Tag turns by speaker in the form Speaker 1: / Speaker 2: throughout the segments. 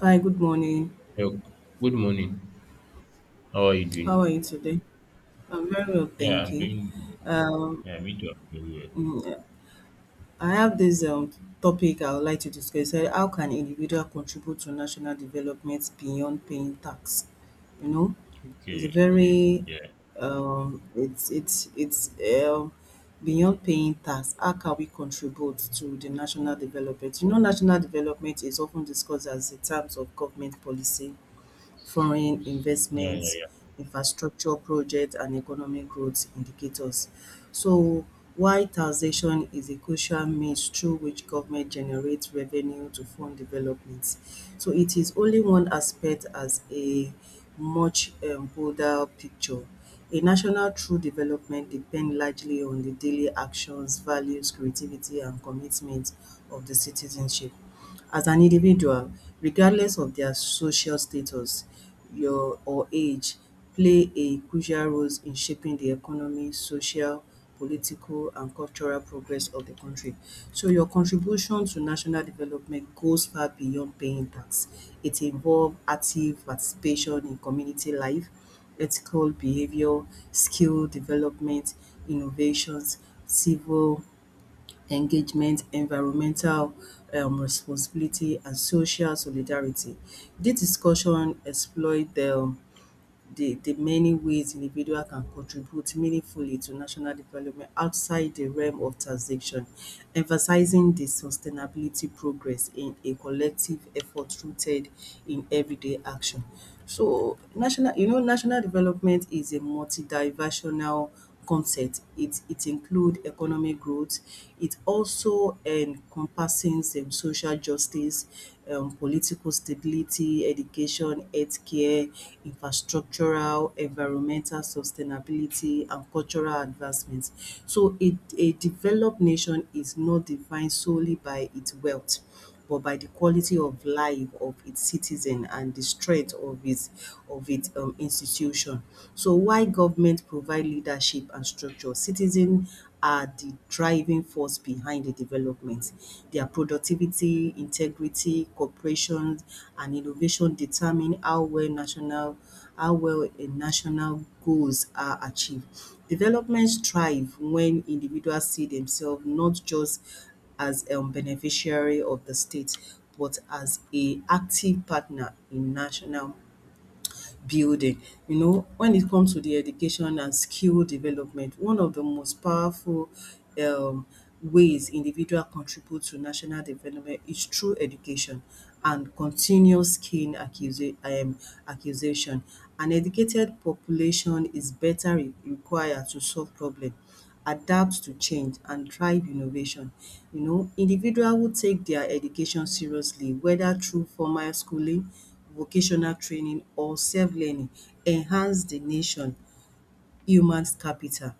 Speaker 1: Hi, good morning.
Speaker 2: Hello. Good morning. How are you
Speaker 1: How are
Speaker 2: doing?
Speaker 1: you today? I'm very well,
Speaker 2: Yeah,
Speaker 1: thank
Speaker 2: I'm
Speaker 1: you.
Speaker 2: doing.
Speaker 1: Um,
Speaker 2: Yeah, me too. I'm doing well.
Speaker 1: I have this topic I would like to discuss. How can individual contribute to national development beyond paying tax? You know, it's a
Speaker 2: Okay, okay.
Speaker 1: very
Speaker 2: Yeah,
Speaker 1: it's um, beyond paying tax. How can we contribute to the national development? You know, national development is often discussed as in terms of government policy, foreign
Speaker 2: yeah, yeah,
Speaker 1: investments,
Speaker 2: yeah,
Speaker 1: infrastructure projects, and economic growth indicators. So while taxation is a crucial means through which government generates revenue to fund development, so it is only one aspect as a much broader picture. A national true development depends largely on the daily actions, values, creativity, and commitment of the citizenship as an individual, regardless of their social status your or age, play a crucial role in shaping the economy, social, political and cultural progress of the country. So your contribution to national development goes far beyond paying tax. It involve active participation in community life, ethical behaviour, skill development, innovations, civil engagement, environmental responsibility, and social solidarity. This discussion explored the many ways individuals can contribute meaningfully to national development outside the realm of taxation, emphasizing the sustainability progress in a collective effort rooted in everyday action. So, national, you know, national development is a multidimensional concept. It include economic growth. It also encompasses social justice, political stability, education, healthcare, infrastructural, environmental sustainability, and cultural advancement. So a developed nation is not defined solely by its wealth but by the quality of life of its citizen and the strength of its institution. So while government provide leadership and structure, citizen are the driving force behind the development. Their productivity, integrity, cooperation, and innovation determine how well a national goals are achieved. Development thrive when individuals see themselves not just as a beneficiary of the state, but as a active partner in national building. You know, when it comes to the education and skill development, one of the most powerful um, ways individual contribute to national development is through education and continuous skill accusation. An educated population is better required to solve problem, adapt to change and thrive innovation. You know, individual who take their education seriously, whether through formal schooling, vocational training or self-learning, enhance the nation human capital.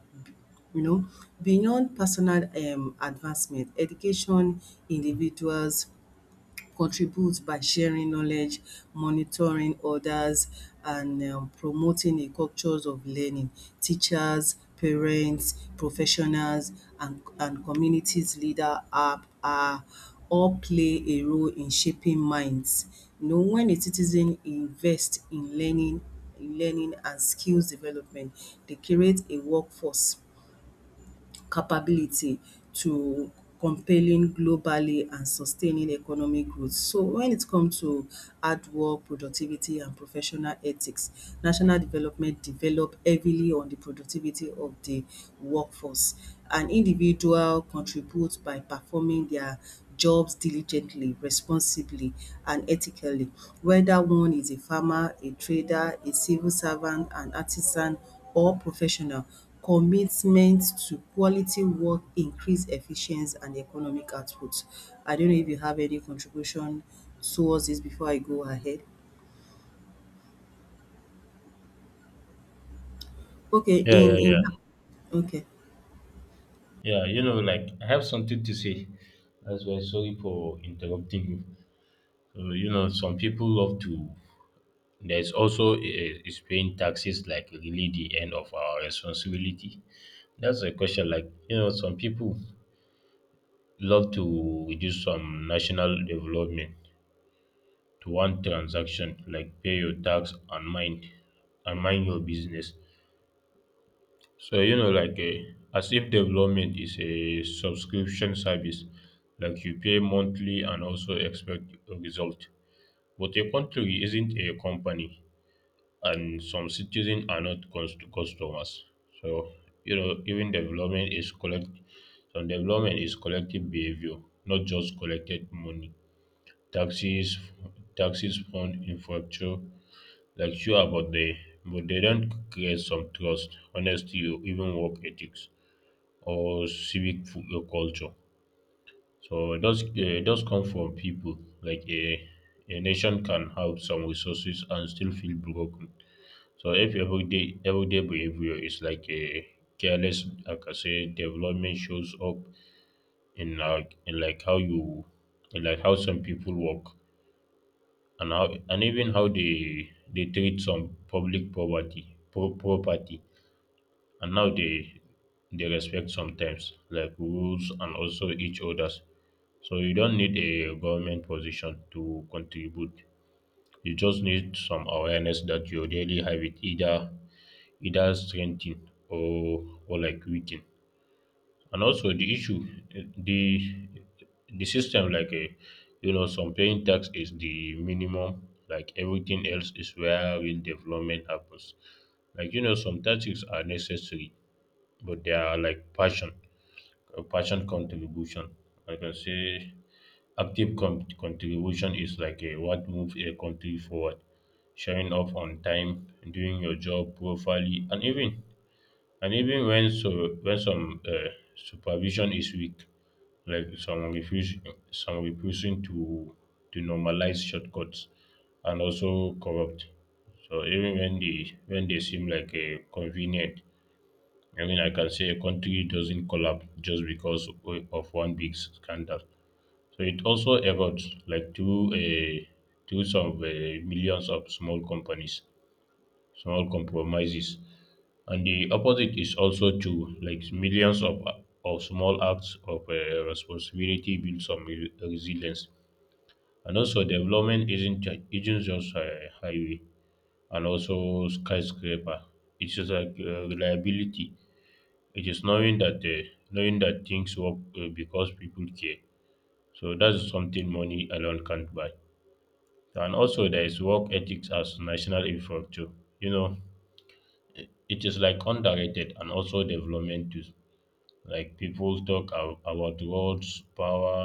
Speaker 1: You know, beyond personal advancement, education individuals contribute by sharing knowledge, monitoring others, and promoting a cultures of learning. Teachers, parents, professionals, and communities leader are all play a role in shaping minds. You know, when a citizen invest in learning and skills development, they create a workforce capability to compelling globally and sustaining economic growth. So when it comes to hard work, productivity and professional ethics, national development develop heavily on the productivity of the workforce. An individual contributes by performing their jobs diligently, responsibly and ethically, whether one is a farmer, a trader, a civil servant, an artisan or professional commitment to quality work, increase efficiency and economic output. I don't know if you have any contribution towards this before I go ahead. Okay,
Speaker 2: yeah, yeah,
Speaker 1: in
Speaker 2: yeah.
Speaker 1: okay.
Speaker 2: Yeah, you know, like I have something to say. That's why sorry for interrupting you. So you know, some people love to. There's also is paying taxes like really the end of our responsibility? That's a question. Like you know, some people love to reduce some national development to one transaction, like pay your tax and mind your business. So you know, like a as if development is a subscription service, like you pay monthly and also expect a result. But a country isn't a company, and some citizens are not customers. So you know, even development is collect. Some development is collective behavior, not just collected money. Taxes, taxes fund infrastructure, like sure about but they don't create some trust honesty or even work ethics or civic culture. So it does come from people. Like a nation can have some resources and still feel broken. So if everyday behavior is like a careless, like I say, development shows up in like in like how you in like how some people work, and how, and even how they treat some public poverty property, and now they respect sometimes like rules and also each others. So you don't need a government position to contribute. You just need some awareness that your daily habit either strengthen or like weaken, and also the issue, the the system. Like a you know, some paying tax is the minimum, like everything else is where real development happens. Like you know, some taxes are necessary, but they are like passion, passion contribution. I can say active contribution is like what moves a country forward: showing up on time, doing your job properly, and even when, so when some supervision is weak, like some refuse, some refusing to normalize shortcuts and also corrupt. So even when they seem like a convenient, I mean, I can say a country doesn't collapse just because of one big scandal. So it also evolves, like through a through some millions of small companies, small compromises. And the opposite is also true, like millions of small acts of responsibility build some resilience. And also development isn't just a highway and also skyscraper. It's just like reliability. It is knowing that things work because people care. So that's something money alone can't buy. And also there is work ethics as national infrastructure, you know. It is like underrated, and also development too. Like people talk about roads, power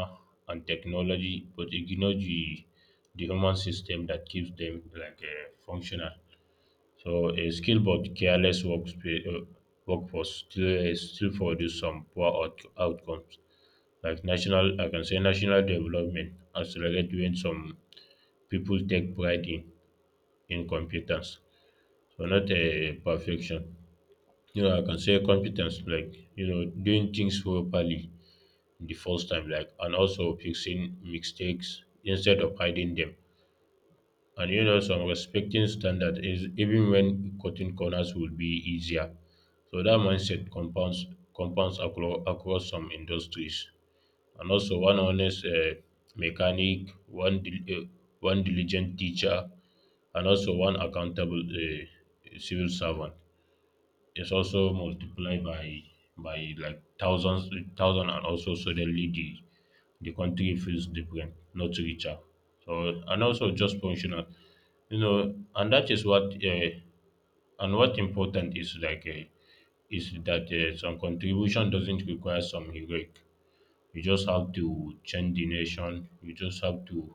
Speaker 2: and technology, but ignore the human system that keeps them like functional. So a skilled but careless workforce still still produce some poor outcomes. Like national I can say national development accelerate when some people take pride in competence, so not a perfection. You know, I can say competence, like you know, doing things properly the first time, like, and also fixing mistakes instead of hiding them, and you know, some respecting standard is even when cutting corners will be easier. So that mindset compounds across some industries. And also one honest mechanic, one diligent teacher, and also one accountable civil servant. It's also multiplied by like thousands and also suddenly the country feels different, not richer. So and also just functional, you know, and that is what and what important is like is that some contribution doesn't require some heroic. You just have to change the nation. You just have to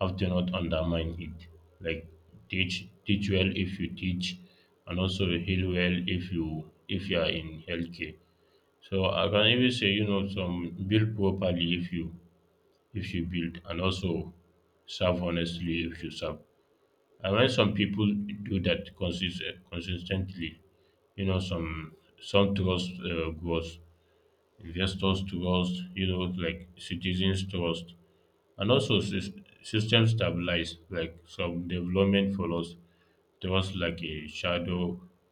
Speaker 2: not undermine it. Like teach well if you teach, and also heal well if you are in healthcare. So I can even say, you know, some build properly if you build, and also serve honestly if you serve. And when some people do that consistently, you know, some trust grows. Investors trust, you know, like citizens trust, and also system stabilize. Like some development follows trust like a shadow.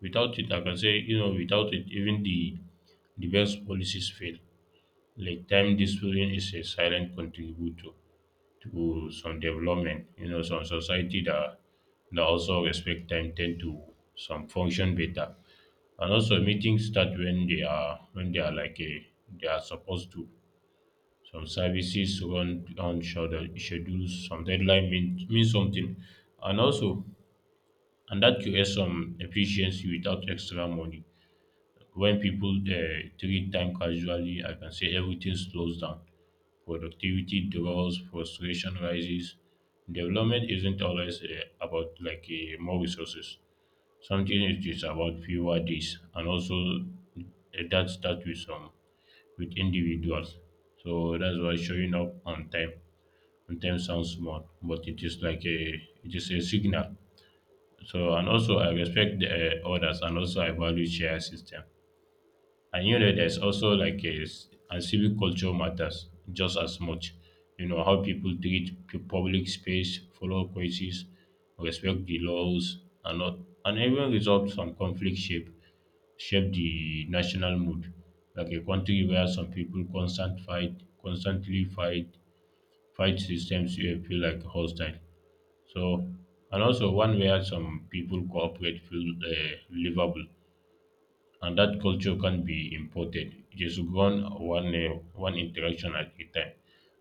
Speaker 2: Without it, I can say, you know, without it even the best policies fail. Like time discipline is a silent contributor to some development. You know, some society that that also respect time tend to some function better, and also meetings start when they are like a they are supposed to. Some services run on schedules, some deadline mean something. And also, and that creates some efficiency without extra money. When people treat time casually, I can say everything slows down. Productivity drops, frustration rises. Development isn't always about more resources. Something it is about fewer days, and also that starts with some with individuals. So that's why showing up on time sometimes sounds small, but it is like a it is a signal. So and also I respect the others, and also I value share system. And you know, there's also like and civic culture matters just as much. You know how people treat public space, follow crisis, respect the laws, and not and even resolve some conflict shape the national mood. Like a country where some people constantly fight, fight systems you feel like hostile. So, and also one where some people cooperate feel livable, and that culture can be imported. Just one interaction at a time.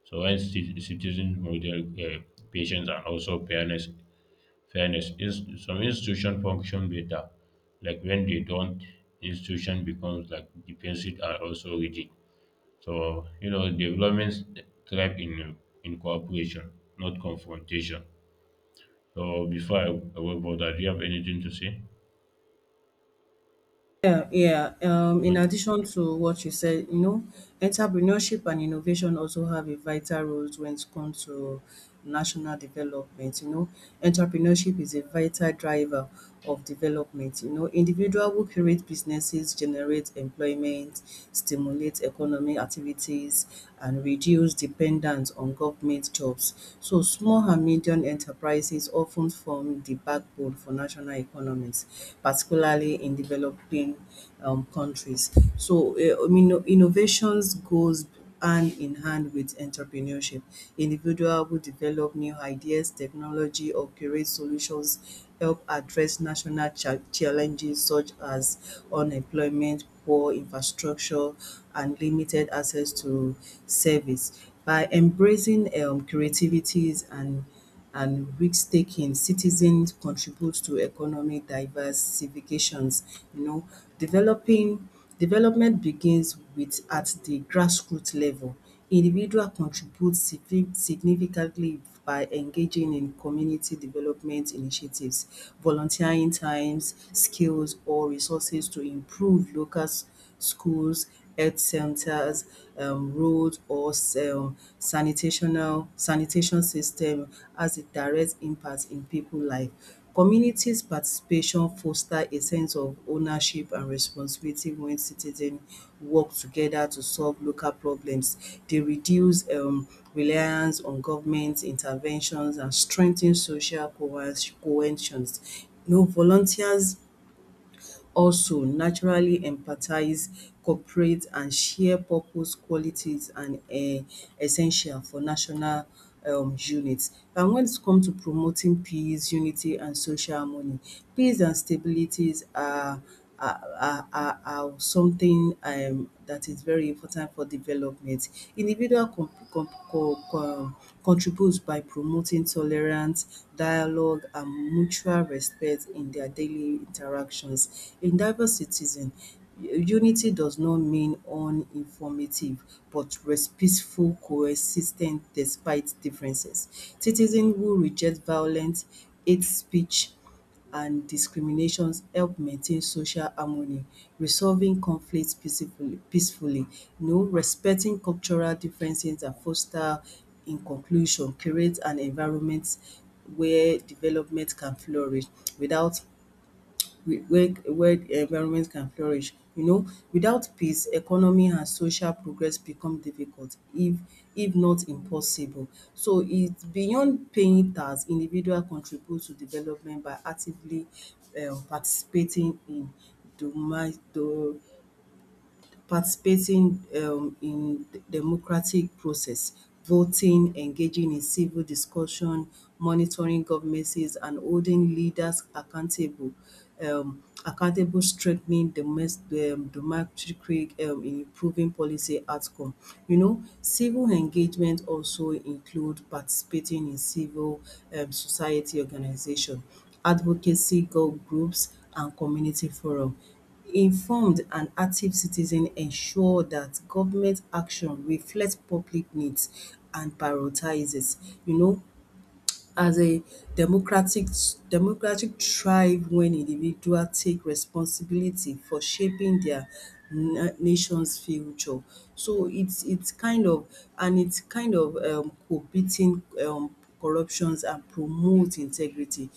Speaker 2: So when citizens model patience and also fairness, fairness is some institution function better. Like when they don't, institution becomes like defensive and also rigid. So you know, developments thrive in cooperation, not confrontation. So before I go further, do you have anything to say?
Speaker 1: Yeah, yeah. In
Speaker 2: Mm.
Speaker 1: addition to what you said, you know, entrepreneurship and innovation also have a vital role when it comes to national development. You know, entrepreneurship is a vital driver of development. You know, individual who create businesses generate employment, stimulate economic activities, and reduce dependence on government jobs. So, small and medium enterprises often form become the backbone for national economies, particularly in developing countries. So, I mean, innovations goes hand in hand with entrepreneurship. Individual who develop new ideas, technology, or create solutions help address national challenges such as unemployment, poor infrastructure, and limited access to service. By embracing creativities and risk-taking, citizens contribute to economic diversifications, you know. Developing development begins with at the grassroots level. Individual contribute significantly by engaging in community development initiatives, volunteering times, skills or resources to improve locals schools, health centers, roads, or sanitation system has a direct impact in people life. Communities participation foster a sense of ownership and responsibility when citizens work together to solve local problems. They reduce reliance on government interventions and strengthen social cohesions. You know, volunteers also naturally empathize, cooperate and share purpose qualities and essential for national unit. And when it comes to promoting peace, unity and social harmony, peace and stabilities are are something that is very important for development. Individual con con co con contributes by promoting tolerance, dialogue and mutual respect in their daily interactions. A diverse citizen, unity does not mean uninformative but respectful coexistence despite differences. Citizen who reject violence, hate speech and discriminations help maintain social harmony, resolving conflicts peacefully, you know, respecting cultural differences and foster in conclusion create an environment where development can flourish without whe- where the environment can flourish. You know, without peace, economy and social progress become difficult, if not impossible. So it's beyond paying tax, individual contribute to development by actively participating in doma do participating in democratic process, voting, engaging in civil discussion, monitoring government's and holding leaders accountable, accountable strengthening domestic, democratic in improving policy outcome. You know, civil engagement also include participating in civil society organization, groups and community forum. Informed and active citizens ensure that government action reflects public needs and prioritizes, you know, as a democratic democratic thrive when individuals take responsibility for shaping their na nation's future. So it's kind of and it's kind of prohibiting um corruptions and promote integrity.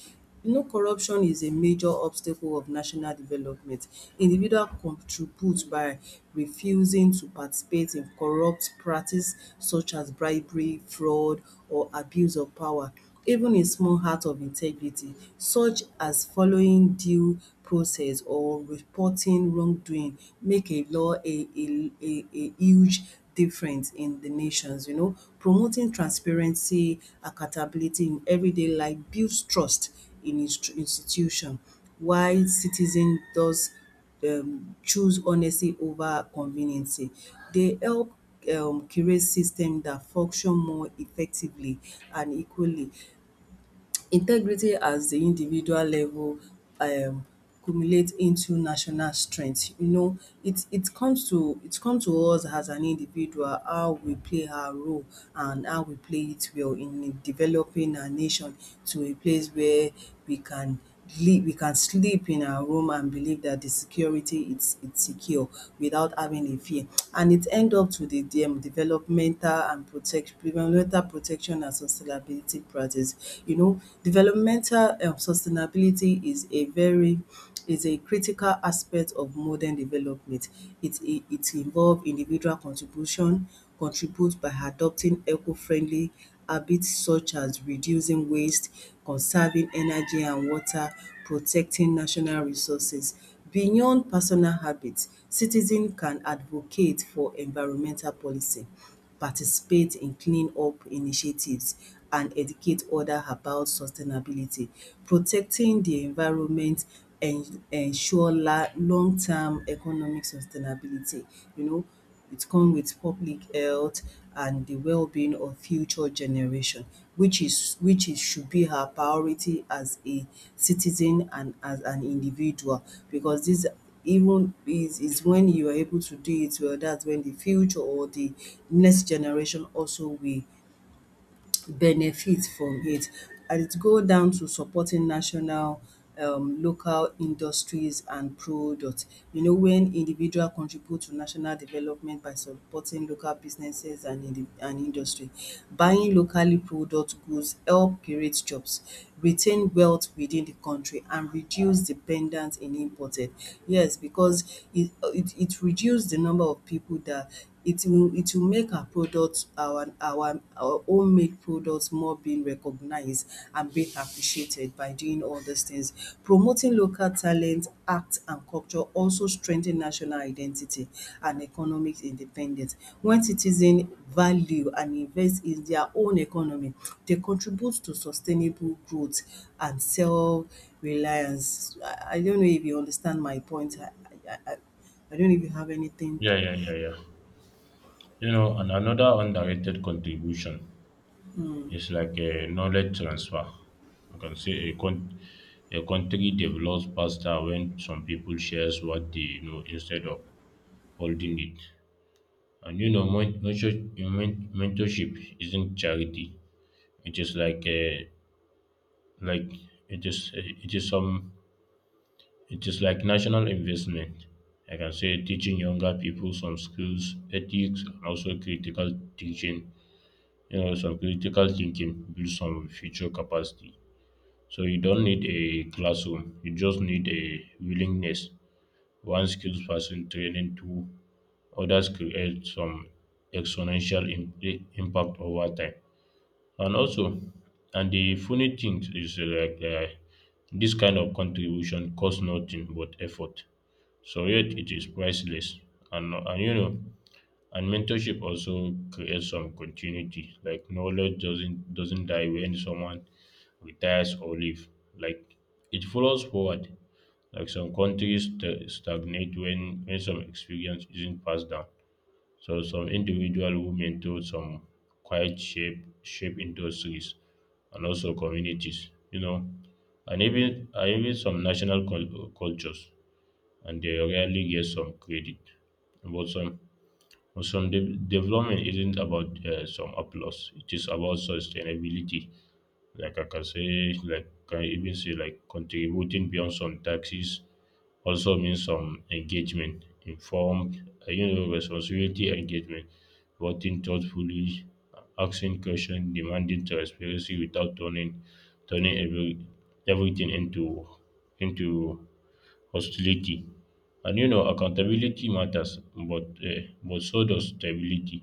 Speaker 1: You know, corruption is a major obstacle of national development. Individual contribute by refusing to participate in corrupt practice such as bribery, fraud or abuse of power, even a small act of integrity such as following due process or reporting wrongdoing make a law a huge difference in the nations, you know. Promoting transparency, accountability in everyday life builds trust in his institution while citizen does choose honesty over conveniency. They help curate system that function more effectively and equally. Integrity at the individual level um cumulate into national strength. You know, it comes to us as an individual how we play our role and how we play it well in developing our nation to a place where we can we can sleep in our room and believe that the security it's secure without having a fear, and it end up to the dem developmental and protect developmental protection and sustainability practice. You know, developmental sustainability is a very is a critical aspect of modern development. It involves individual contribution, contribute by adopting eco-friendly habits such as reducing waste, conserving energy and water, protecting national resources. Beyond personal habits, citizen can advocate for environmental policy, participate in clean-up initiatives and educate others about sustainability. Protecting the environment en ensure la long-term economic sustainability, you know, it come with public health and the well being of future generation, which is should be her priority as a citizen and as an individual, because dis even is when you are able to do it well, that's when the future or the next generation also will benefit from it. And it go down to supporting national local industries and products. You know, when individual contribute to national development by supporting local businesses and indi and industry. Buying locally product goods help create jobs, retain wealth within the country and reduce dependence in imported. Yes, because it reduce the number of people that it will make our products, our homemade products more being recognized and being appreciated by doing all these things. Promoting local talent, art and culture also strengthen national identity and economic independence. When citizens value and invest in their own economy, they contribute to sustainable growth and self reliance. I don't know if you understand my point. I don't know if you have anything.
Speaker 2: Yeah, yeah, yeah, yeah. You know, and another underrated contribution is like a knowledge transfer. I can say a country develops faster when some people shares what they know instead of holding it. And you know, mentorship isn't charity. It is like a like it is some It is like national investment. I can say teaching younger people some skills, ethics, and also teaching, you know, some critical thinking build some future capacity. So you don't need a classroom. You just need a willingness. One skills person training to others create some exponential impact over time. And also, and the funny thing is this kind of contribution costs nothing but effort, so yet it is priceless. And you know, and mentorship also creates some continuity. Like knowledge doesn't die when someone retires or leave. Like it follows forward. Like some countries stagnate when some experience isn't passed down. So some individual who mentor some quiet shape industries and also communities. You know, and even some national cultures, and they rarely get some credit. But some, but some development isn't about some applause. It is about sustainability. Like I can say, like I even say, like contributing beyond some taxes also means some engagement, informed, you know, responsibility engagement, voting thoughtfully, asking questions, demanding transparency without turning everything into hostility. And you know, accountability matters, but so does stability.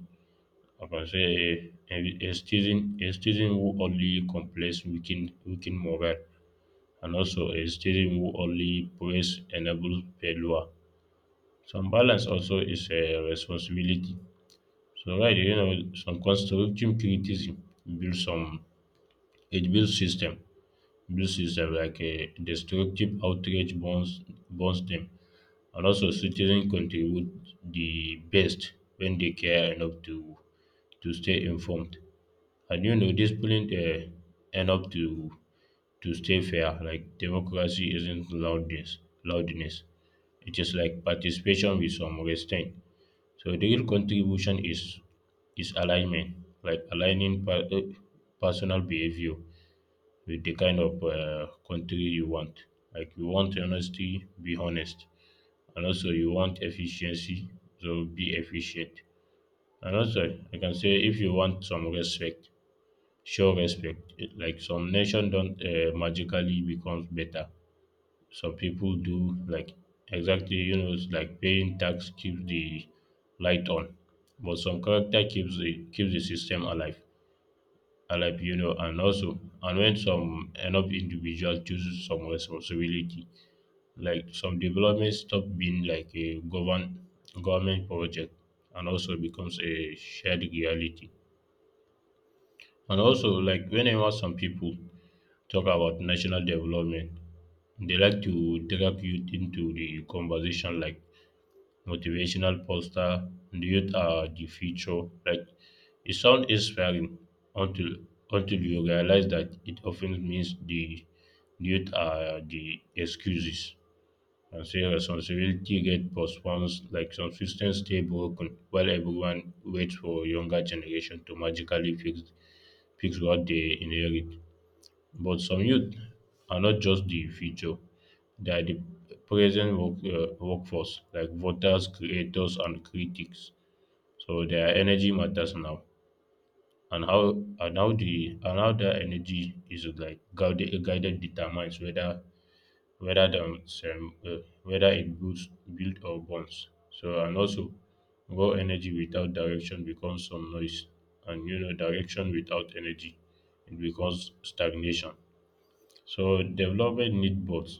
Speaker 2: I can say a citizen, a citizen who only complains weaken morale, and also a citizen who only praise enable failure. Some balance also is a responsibility. So right, you know, some constructive criticism builds some, it builds system, like a destructive outrage burns them. And also, citizens contribute the best when they care enough to stay informed. And you know, disciplined enough to stay fair. Like democracy isn't loudness. It is like participation with some restraint. So the real contribution is alignment, like aligning personal behavior with the kind of country you want. Like you want honesty, be honest, and also you want efficiency, so be efficient. And also, I can say if you want some respect, show respect. Like some nation don't magically become better. Some people do, like exactly, you know, it's like paying tax keeps the light on, but some character keeps the system alive, you know. And also, and when some enough individual chooses some responsibility, like some development stop being like a government project and also becomes a shared reality. And also, like whenever some people talk about national development, they like to drag youth into the conversation like motivational poster, the youth are the future. Like it sounds inspiring, until until you realize that it often means the youth are the excuses. And say responsibility get postponed, like some systems stay broken while everyone waits for younger generation to magically fix what they inherit. But some youth are not just the future; they are the present workforce, like voters, creators, and critics. So their energy matters now, and how their energy is like guided determines whether whether it builds build or burns. So and also raw energy without direction becomes some noise, and you know, direction without energy, it becomes stagnation. So development need both.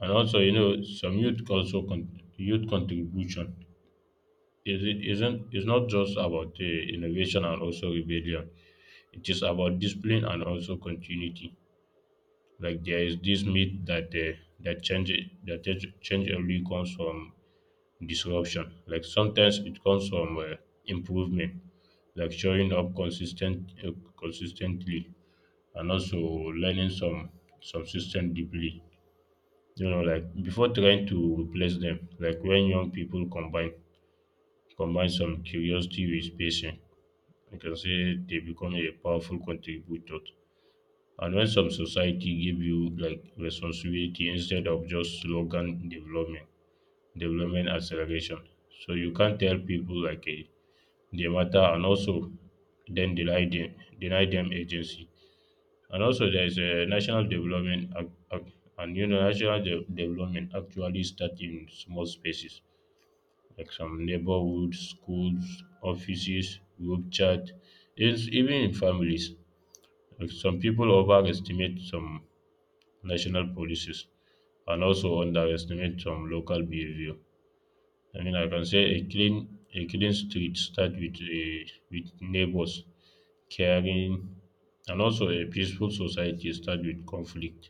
Speaker 2: And also, you know, some youth also youth contribution is it isn't is not just about innovation and also rebellion. It is about discipline and also continuity. Like there is this myth that that change change only comes from disruption. Like sometimes it comes from improvement, like showing up consistently, and also learning some system deeply, you know, like before trying to replace them. Like when young people combine some curiosity with patience, I can say they become a powerful contributor. And when some society give you like responsibility instead of just slogan development, development acceleration. So you can't tell people like eh, they matter and also then deny them agency. And also there is a national development ac- ac- and you know national de- development actually start in small spaces, like some neighborhoods, schools, offices, group chat, it's even in families. Like some people overestimate some national policies and also underestimate some local behavior. I mean, I can say a clean street start with a with neighbors caring, and also a peaceful society start with conflict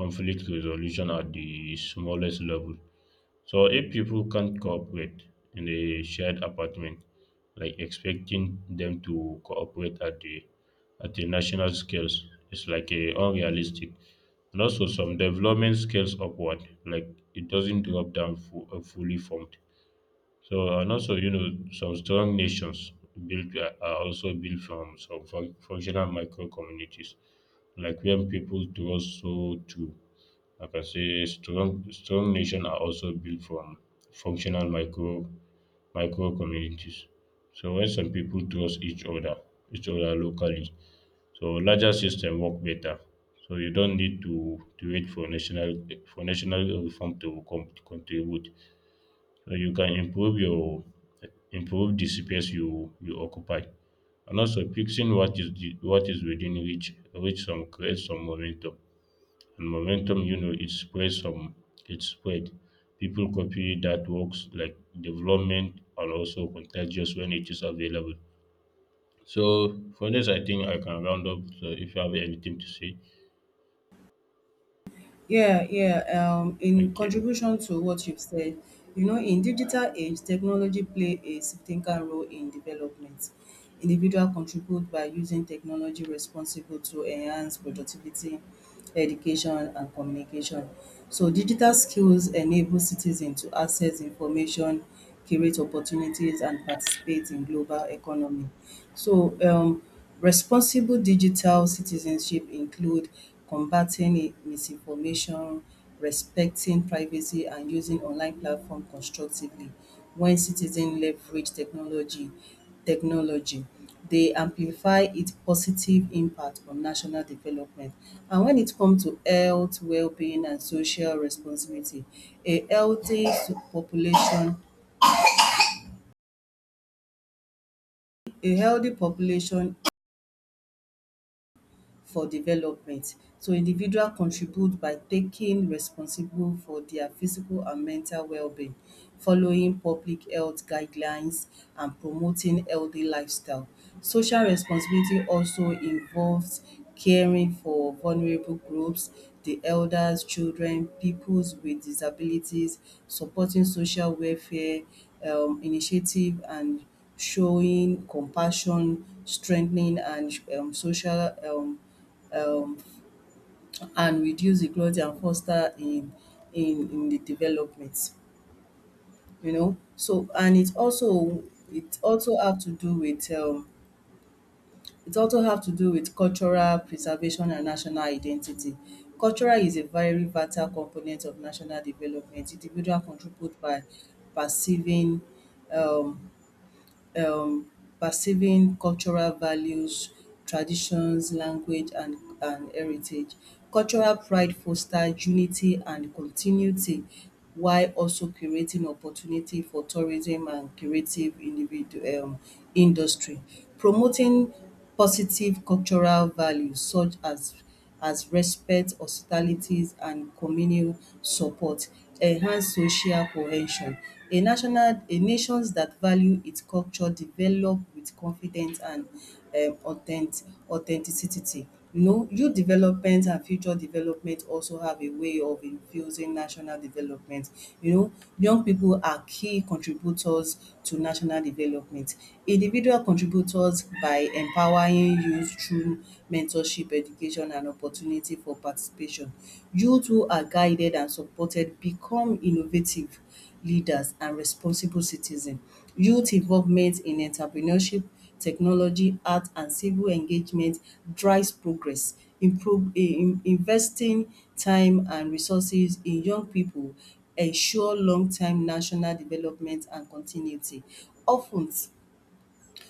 Speaker 2: conflict resolution at the smallest level. So if people can't cooperate in a shared apartment, like expecting them to cooperate at the national scales is like a unrealistic. And also some development scales upward, like it doesn't drop down fully formed. So and also, you know, some strong nations built are also built from some functional micro communities, like when people trust so too. Like I can say, strong nation are also built from functional micro communities. So when some people trust each other locally, so larger system work better. So you don't need to wait for national reform to contribute. So you can improve the space you occupy, and also fixing what is within reach some create some momentum, and momentum, you know, it spreads some, it spread, people copy that works, like development and also contagious when it is available. So for this, I think I can round up, so if you have anything to say.
Speaker 1: Yeah, yeah. Um,
Speaker 2: Okay,
Speaker 1: in
Speaker 2: okay.
Speaker 1: contribution to what you've said, you know, in digital age, technology play a significant role in development. Individual contribute by using technology responsible to enhance productivity, education, and communication. So digital skills enable citizens to access information, create opportunities, and participate in global economy. So responsible digital citizenship include combating misinformation, respecting privacy and using online platform constructively. When citizen leverage technology, they amplify its positive impact on national development. And when it come to health, wellbeing and social responsibility, a healthy population a healthy population for development. So individual contribute by taking responsible for their physical and mental well-being, following public health guidelines and promoting healthy lifestyle. Social responsibility also involves caring for vulnerable groups, the elders, children, peoples with disabilities, supporting social welfare initiative and showing compassion, strengthening and social um, and reduce equality and foster in the development, you know. So, and it also have to do with it also have to do with cultural preservation and national identity. Cultural is a very vital component of national development. Individual contribute by perceiving um, um perceiving cultural values, traditions, language and heritage. Cultural pride fosters unity and continuity while also creating opportunity for tourism and creative individu industry. Promoting positive cultural values such as respect, hospitalities, and communal support enhance social cohesion. A nations that value its culture develop with confidence and authenticity. You know, youth development and future development also have a way of infusing national development. You know, young people are key contributors to national development. Individual contributors by empowering youth through mentorship, education and opportunity for participation. Youth who are guided and supported become innovative leaders and responsible citizen. Youth involvement in entrepreneurship, technology, art and civil engagement drives progress. Improve investing time and resources in young pipu ensure long term national development and continuity. Of ten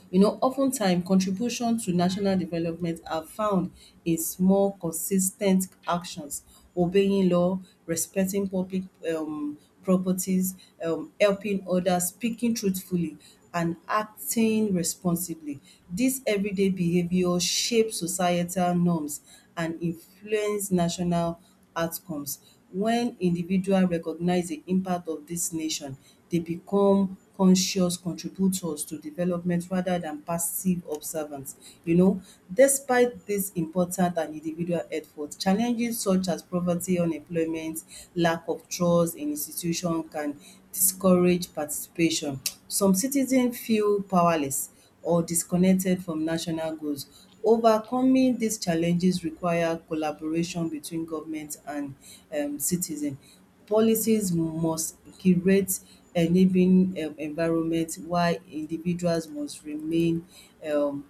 Speaker 1: You know, oftentimes contribution to national development are found in small consistent actions, obeying law, respecting public um properties, helping others, speaking truthfully and acting responsibly. Dis everyday behaviour shape societal norms and influence national outcomes. Wen individual recognize di impact of dis nation, dey become conscious contributors to development rather than passive observant. You know, despite dis important and individual effort, challenges such as poverty, unemployment, lack of trust in institution can discourage participation. Some citizen feel powerless or disconnected from national goals. Overcoming these challenges require collaboration between government and citizen. Policies must create enabling environment while individuals must remain um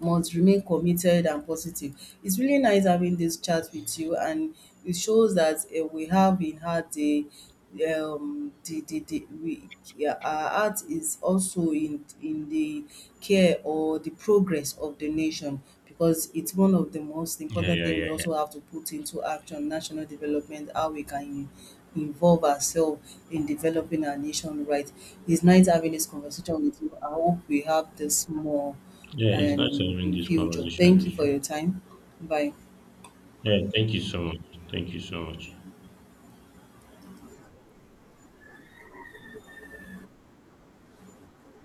Speaker 1: committed and positive. It's really nice having this chat with you, and it shows that we have in heart the our heart is also in the care or the progress of the nation, because it's one of the most
Speaker 2: Yeah,
Speaker 1: important
Speaker 2: yeah,
Speaker 1: thing.
Speaker 2: yeah,
Speaker 1: We
Speaker 2: yeah.
Speaker 1: also have to put into action national development, how we can involve ourselves in developing our nation, right? It's nice having this conversation with you. I hope we have this more
Speaker 2: Yeah, it's nice
Speaker 1: and
Speaker 2: having
Speaker 1: in the
Speaker 2: this
Speaker 1: future.
Speaker 2: conversation
Speaker 1: Thank you
Speaker 2: with
Speaker 1: for
Speaker 2: you.
Speaker 1: your time. Bye.
Speaker 2: Yeah, thank you so much. Thank you so much.